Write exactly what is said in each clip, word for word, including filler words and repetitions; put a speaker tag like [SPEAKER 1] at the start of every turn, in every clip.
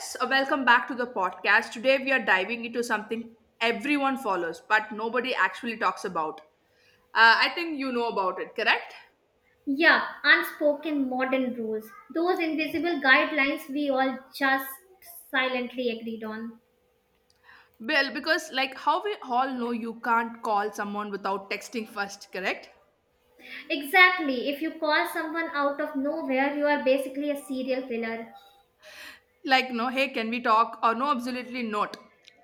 [SPEAKER 1] So welcome back to the podcast. Today we are diving into something everyone follows, but nobody actually talks about. Uh, I think you know about it, correct?
[SPEAKER 2] Yeah, unspoken modern rules. Those invisible guidelines we all just silently agreed on.
[SPEAKER 1] Well, because like how we all know, you can't call someone without texting first, correct?
[SPEAKER 2] Exactly. If you call someone out of nowhere, you are basically a serial killer.
[SPEAKER 1] Like no, hey, can we talk? Or no, absolutely not.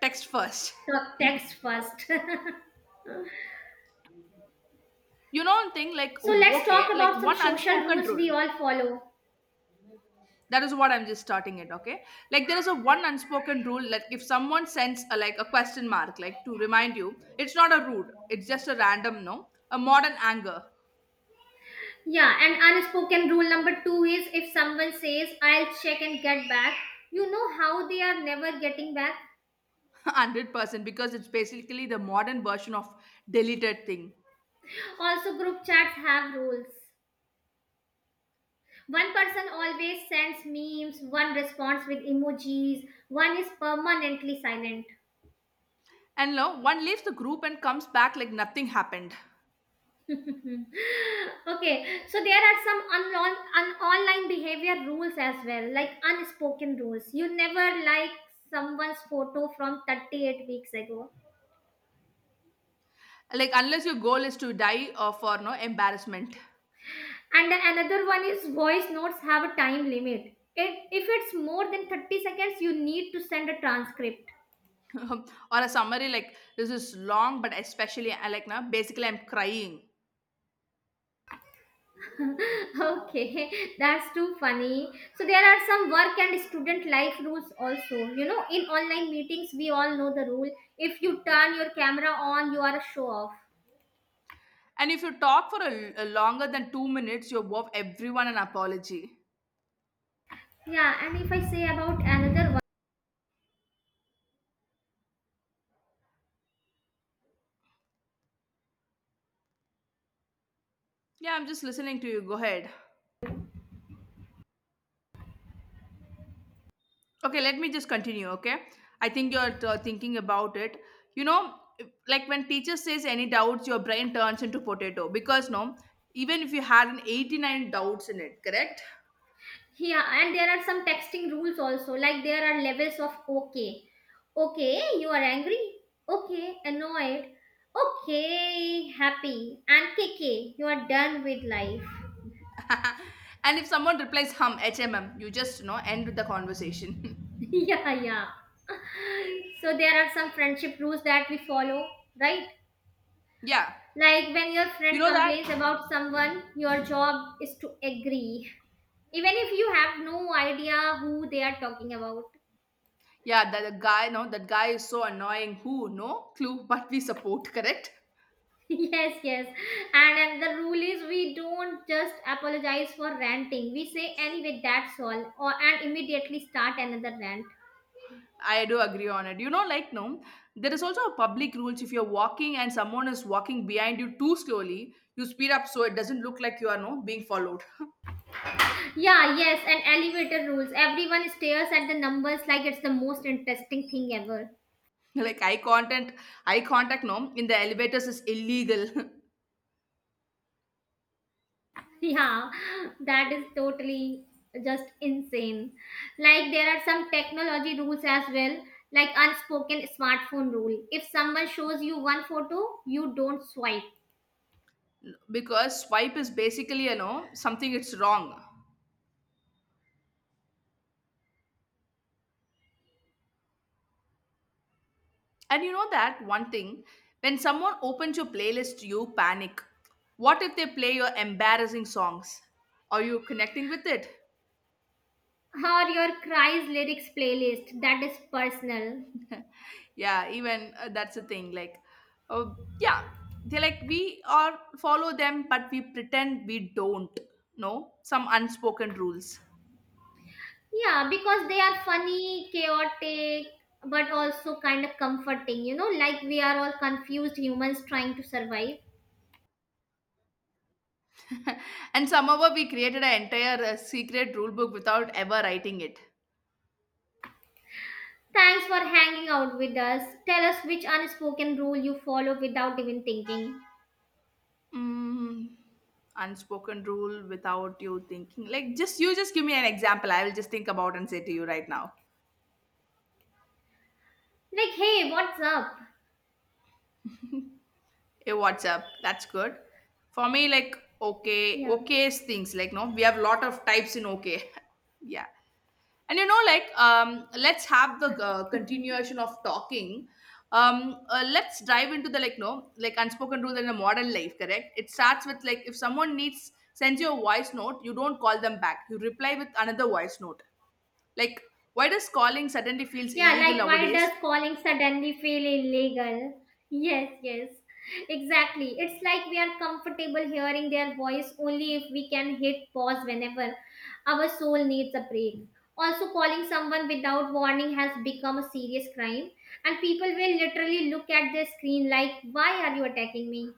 [SPEAKER 1] Text first.
[SPEAKER 2] Talk text first. so
[SPEAKER 1] You know, one thing like
[SPEAKER 2] let's
[SPEAKER 1] okay,
[SPEAKER 2] talk
[SPEAKER 1] like
[SPEAKER 2] about some
[SPEAKER 1] one
[SPEAKER 2] social
[SPEAKER 1] unspoken
[SPEAKER 2] rules we
[SPEAKER 1] rule.
[SPEAKER 2] all follow.
[SPEAKER 1] That is what I'm just starting it. Okay, like there is a one unspoken rule, like if someone sends a like a question mark like to remind you, it's not a rude, it's just a random. No, a modern anger.
[SPEAKER 2] Yeah, and unspoken rule number two is if someone says, I'll check and get back, you know how they are never getting back.
[SPEAKER 1] one hundred percent because it's basically the modern version of deleted thing.
[SPEAKER 2] Also, group chats have rules. One person always sends memes, one responds with emojis, one is permanently silent.
[SPEAKER 1] And no one leaves the group and comes back like nothing happened.
[SPEAKER 2] okay, so there are some unlon- un- online behavior rules as well, like unspoken rules. You never like someone's photo from thirty-eight weeks ago.
[SPEAKER 1] Like unless your goal is to die or for no embarrassment.
[SPEAKER 2] And another one is voice notes have a time limit. It, if it's more than thirty seconds, you need to send a transcript.
[SPEAKER 1] or a summary, like this is long, but especially I like now basically I'm crying.
[SPEAKER 2] Okay, that's too funny. So there are some work and student life rules also. You know, in online meetings, we all know the rule. If you turn your camera on, you are a show off.
[SPEAKER 1] And if you talk for a, a longer than two minutes, you owe everyone an apology.
[SPEAKER 2] Yeah, and if I say about another one,
[SPEAKER 1] Yeah, I'm just listening to you. Go ahead. Okay, let me just continue. Okay, I think you're uh, thinking about it. You know, like when teacher says any doubts, your brain turns into potato, because no, even if you had an eighty-nine doubts in it, correct?
[SPEAKER 2] yeah, and there are some texting rules also. Like there are levels of okay. Okay, you are angry. Okay, annoyed. Okay, happy. And K K, you are done with life.
[SPEAKER 1] and if someone replies hum, H M M, you just, you know, end the conversation.
[SPEAKER 2] yeah, yeah. So there are some friendship rules that we follow, right?
[SPEAKER 1] yeah,
[SPEAKER 2] Like when your
[SPEAKER 1] you
[SPEAKER 2] friend
[SPEAKER 1] know that.
[SPEAKER 2] complains about someone, your job is to agree. Even if you have no idea who they are talking about.
[SPEAKER 1] Yeah, that the guy, no, that guy is so annoying. Who? No clue, but we support. Correct.
[SPEAKER 2] yes, yes. And, and the rule is we don't just apologize for ranting. We say anyway that's all or and immediately start another rant.
[SPEAKER 1] I do agree on it. You know, like no, there is also a public rules. If you're walking and someone is walking behind you too slowly, you speed up so it doesn't look like you are no being followed.
[SPEAKER 2] Yeah, yes, and elevator rules. Everyone stares at the numbers like it's the most interesting thing ever.
[SPEAKER 1] like eye contact, eye contact no in the elevators is illegal.
[SPEAKER 2] Yeah, that is totally just insane. Like there are some technology rules as well, like unspoken smartphone rule. If someone shows you one photo, you don't swipe.
[SPEAKER 1] because swipe is basically, you know, something it's wrong. And you know that one thing, when someone opens your playlist, you panic. What if they play your embarrassing songs? Are you connecting with it?
[SPEAKER 2] Or your cries lyrics playlist, that is personal.
[SPEAKER 1] Yeah, even uh, that's the thing, like, oh, yeah, they, like we are follow them, but we pretend we don't. No, some unspoken rules.
[SPEAKER 2] Yeah, because they are funny, chaotic, but also kind of comforting, you know, like we are all confused humans trying to survive.
[SPEAKER 1] and somehow we created an entire uh, secret rule book without ever writing it.
[SPEAKER 2] Thanks for hanging out with us. Tell us which unspoken rule you follow without even thinking.
[SPEAKER 1] Mm, unspoken rule without you thinking, like just, you just give me an example, I will just think about and say to you right now.
[SPEAKER 2] Like, hey, what's up?
[SPEAKER 1] Hey, WhatsApp. That's good. For me, like okay,
[SPEAKER 2] Yeah.
[SPEAKER 1] okay is things like no, we have lot of types in okay. yeah, and you know, like um, let's have the uh, continuation of talking. Um, uh, let's dive into the, like no, like unspoken rule in a modern life. Correct. It starts with like if someone needs sends you a voice note, you don't call them back. You reply with another voice note. Like, why does calling suddenly feels
[SPEAKER 2] Yeah,
[SPEAKER 1] illegal
[SPEAKER 2] like, why
[SPEAKER 1] nowadays?
[SPEAKER 2] does calling suddenly feel illegal? Yes, yes. Exactly. It's like we are comfortable hearing their voice only if we can hit pause whenever our soul needs a break. Also, calling someone without warning has become a serious crime, and people will literally look at their screen like, why are you attacking me?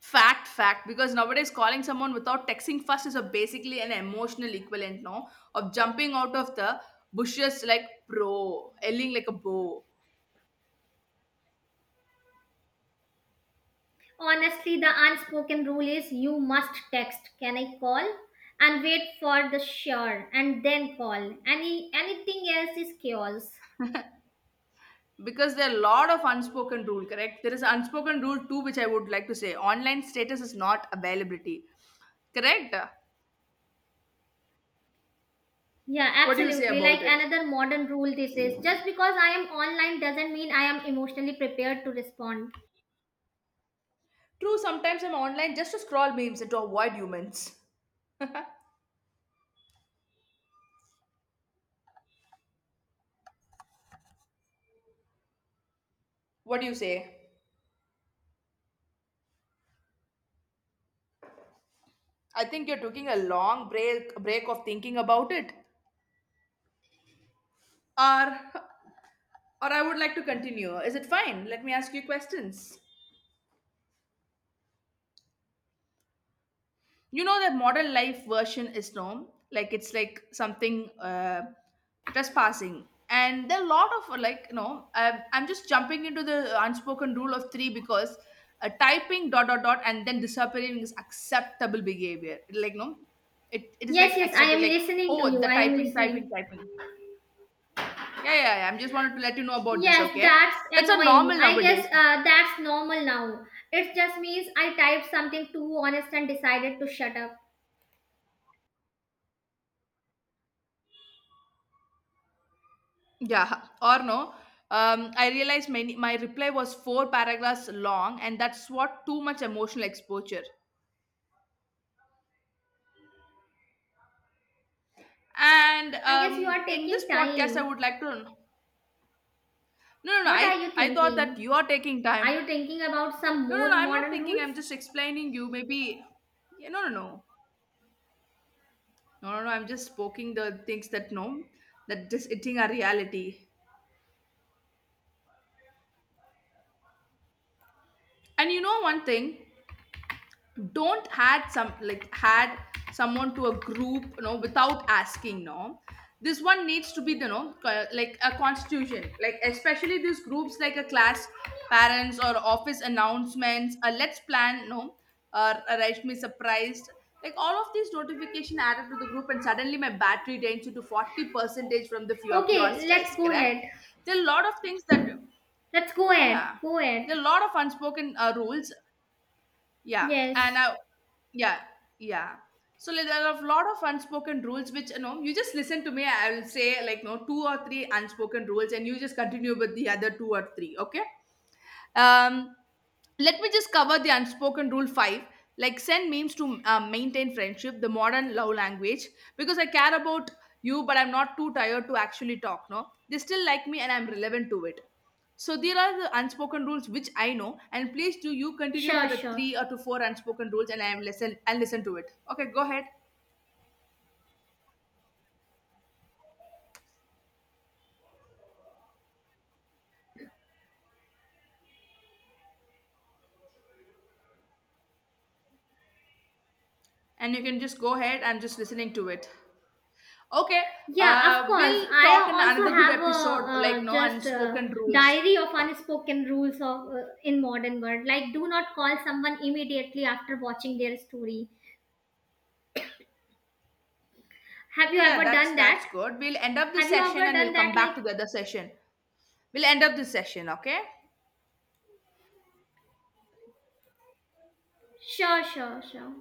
[SPEAKER 1] Fact, fact. Because nowadays, calling someone without texting first is a basically an emotional equivalent, no, of jumping out of the bushes like pro, yelling like a bow.
[SPEAKER 2] Honestly, the unspoken rule is you must text, can I call? And wait for the sure and then call. Any anything else is chaos.
[SPEAKER 1] Because there are a lot of unspoken rule, correct? There is an unspoken rule too, which I would like to say. Online status is not availability, correct?
[SPEAKER 2] Yeah,
[SPEAKER 1] What do you say
[SPEAKER 2] absolutely. Like
[SPEAKER 1] about it?
[SPEAKER 2] another modern rule, this is just because I am online doesn't mean I am emotionally prepared to respond.
[SPEAKER 1] True, sometimes I'm online just to scroll memes and to avoid humans. What do you say? I think you're taking a long break break of thinking about it. or or I would like to continue, is it fine? Let me ask you questions. You know that modern life version is known, like it's like something uh, trespassing, and there are a lot of uh, like, you know, am I'm just jumping into the unspoken rule of three. Because uh, typing dot dot dot and then disappearing is acceptable behavior, like no, it, it is
[SPEAKER 2] Yes,
[SPEAKER 1] like
[SPEAKER 2] yes, I
[SPEAKER 1] accepted,
[SPEAKER 2] am
[SPEAKER 1] like
[SPEAKER 2] listening to
[SPEAKER 1] oh
[SPEAKER 2] you.
[SPEAKER 1] the
[SPEAKER 2] I am
[SPEAKER 1] typing typing
[SPEAKER 2] listening.
[SPEAKER 1] typing. Yeah, yeah, yeah, I'm just wanted to let you know about this.
[SPEAKER 2] Yes,
[SPEAKER 1] Okay,
[SPEAKER 2] that's
[SPEAKER 1] that's a normal
[SPEAKER 2] annoying. I guess
[SPEAKER 1] nowadays.
[SPEAKER 2] uh, that's normal now. It just means I typed something too honest and decided to shut up.
[SPEAKER 1] Yeah, or no. Um, I realized many, my reply was four paragraphs long, and that's what too much emotional exposure. And
[SPEAKER 2] I guess you
[SPEAKER 1] um,
[SPEAKER 2] are
[SPEAKER 1] in this
[SPEAKER 2] taking
[SPEAKER 1] podcast, I
[SPEAKER 2] time.
[SPEAKER 1] would like to. No, no, no.
[SPEAKER 2] What are
[SPEAKER 1] I,
[SPEAKER 2] you
[SPEAKER 1] I thought that
[SPEAKER 2] thinking?
[SPEAKER 1] you are taking
[SPEAKER 2] Are
[SPEAKER 1] time.
[SPEAKER 2] you thinking about some
[SPEAKER 1] No, no,
[SPEAKER 2] more
[SPEAKER 1] no. I'm not
[SPEAKER 2] modern
[SPEAKER 1] thinking. I'm
[SPEAKER 2] rules?
[SPEAKER 1] just explaining you. Maybe. Yeah, no, no, no. No, no, no. I'm just poking the things that no, that just eating are reality. And you know one thing? Don't had some like had someone to a group, you know, without asking. No, this one needs to be, you know, co- like a constitution, like especially these groups like a class, parents or office announcements, a let's plan, no, or arrange me surprised, like all of these notification added to the group, and suddenly my battery drains into forty percentage from the pure, pure
[SPEAKER 2] Okay, let's
[SPEAKER 1] stress,
[SPEAKER 2] go
[SPEAKER 1] correct.
[SPEAKER 2] ahead.
[SPEAKER 1] There are a lot of things that,
[SPEAKER 2] Let's go ahead.
[SPEAKER 1] yeah,
[SPEAKER 2] Go ahead.
[SPEAKER 1] there are a lot of unspoken uh, rules. Yeah, and
[SPEAKER 2] Yes.
[SPEAKER 1] I, yeah, yeah. So like, there are a lot of unspoken rules which you know, you just listen to me. I will say like no, two or three unspoken rules, and you just continue with the other two or three. Okay. Um, Let me just cover the unspoken rule five, like send memes to uh, maintain friendship the modern love language. Because I care about you, but I'm not too tired to actually talk. No, they still like me and I'm relevant to it. So there are the unspoken rules which I know, and please do you continue for
[SPEAKER 2] Sure,
[SPEAKER 1] the
[SPEAKER 2] sure.
[SPEAKER 1] three or to four unspoken rules, and I am listen, I'll listen to it. Okay, go ahead. And you can just go ahead, I'm just listening to it. Okay,
[SPEAKER 2] Yeah, of
[SPEAKER 1] uh
[SPEAKER 2] course.
[SPEAKER 1] we'll
[SPEAKER 2] I
[SPEAKER 1] talk in
[SPEAKER 2] also
[SPEAKER 1] another good
[SPEAKER 2] have a
[SPEAKER 1] episode like
[SPEAKER 2] uh,
[SPEAKER 1] no
[SPEAKER 2] just a
[SPEAKER 1] unspoken rules.
[SPEAKER 2] diary of unspoken rules of uh, in modern world. Like, do not call someone immediately after watching their story. Have you
[SPEAKER 1] Yeah,
[SPEAKER 2] ever
[SPEAKER 1] that's
[SPEAKER 2] done
[SPEAKER 1] that's
[SPEAKER 2] that?
[SPEAKER 1] good. We'll end up this
[SPEAKER 2] Have you
[SPEAKER 1] session
[SPEAKER 2] ever
[SPEAKER 1] and we'll
[SPEAKER 2] done
[SPEAKER 1] come
[SPEAKER 2] that?
[SPEAKER 1] back
[SPEAKER 2] Like,
[SPEAKER 1] to the other session. We'll end up this session, okay?
[SPEAKER 2] sure, sure, sure.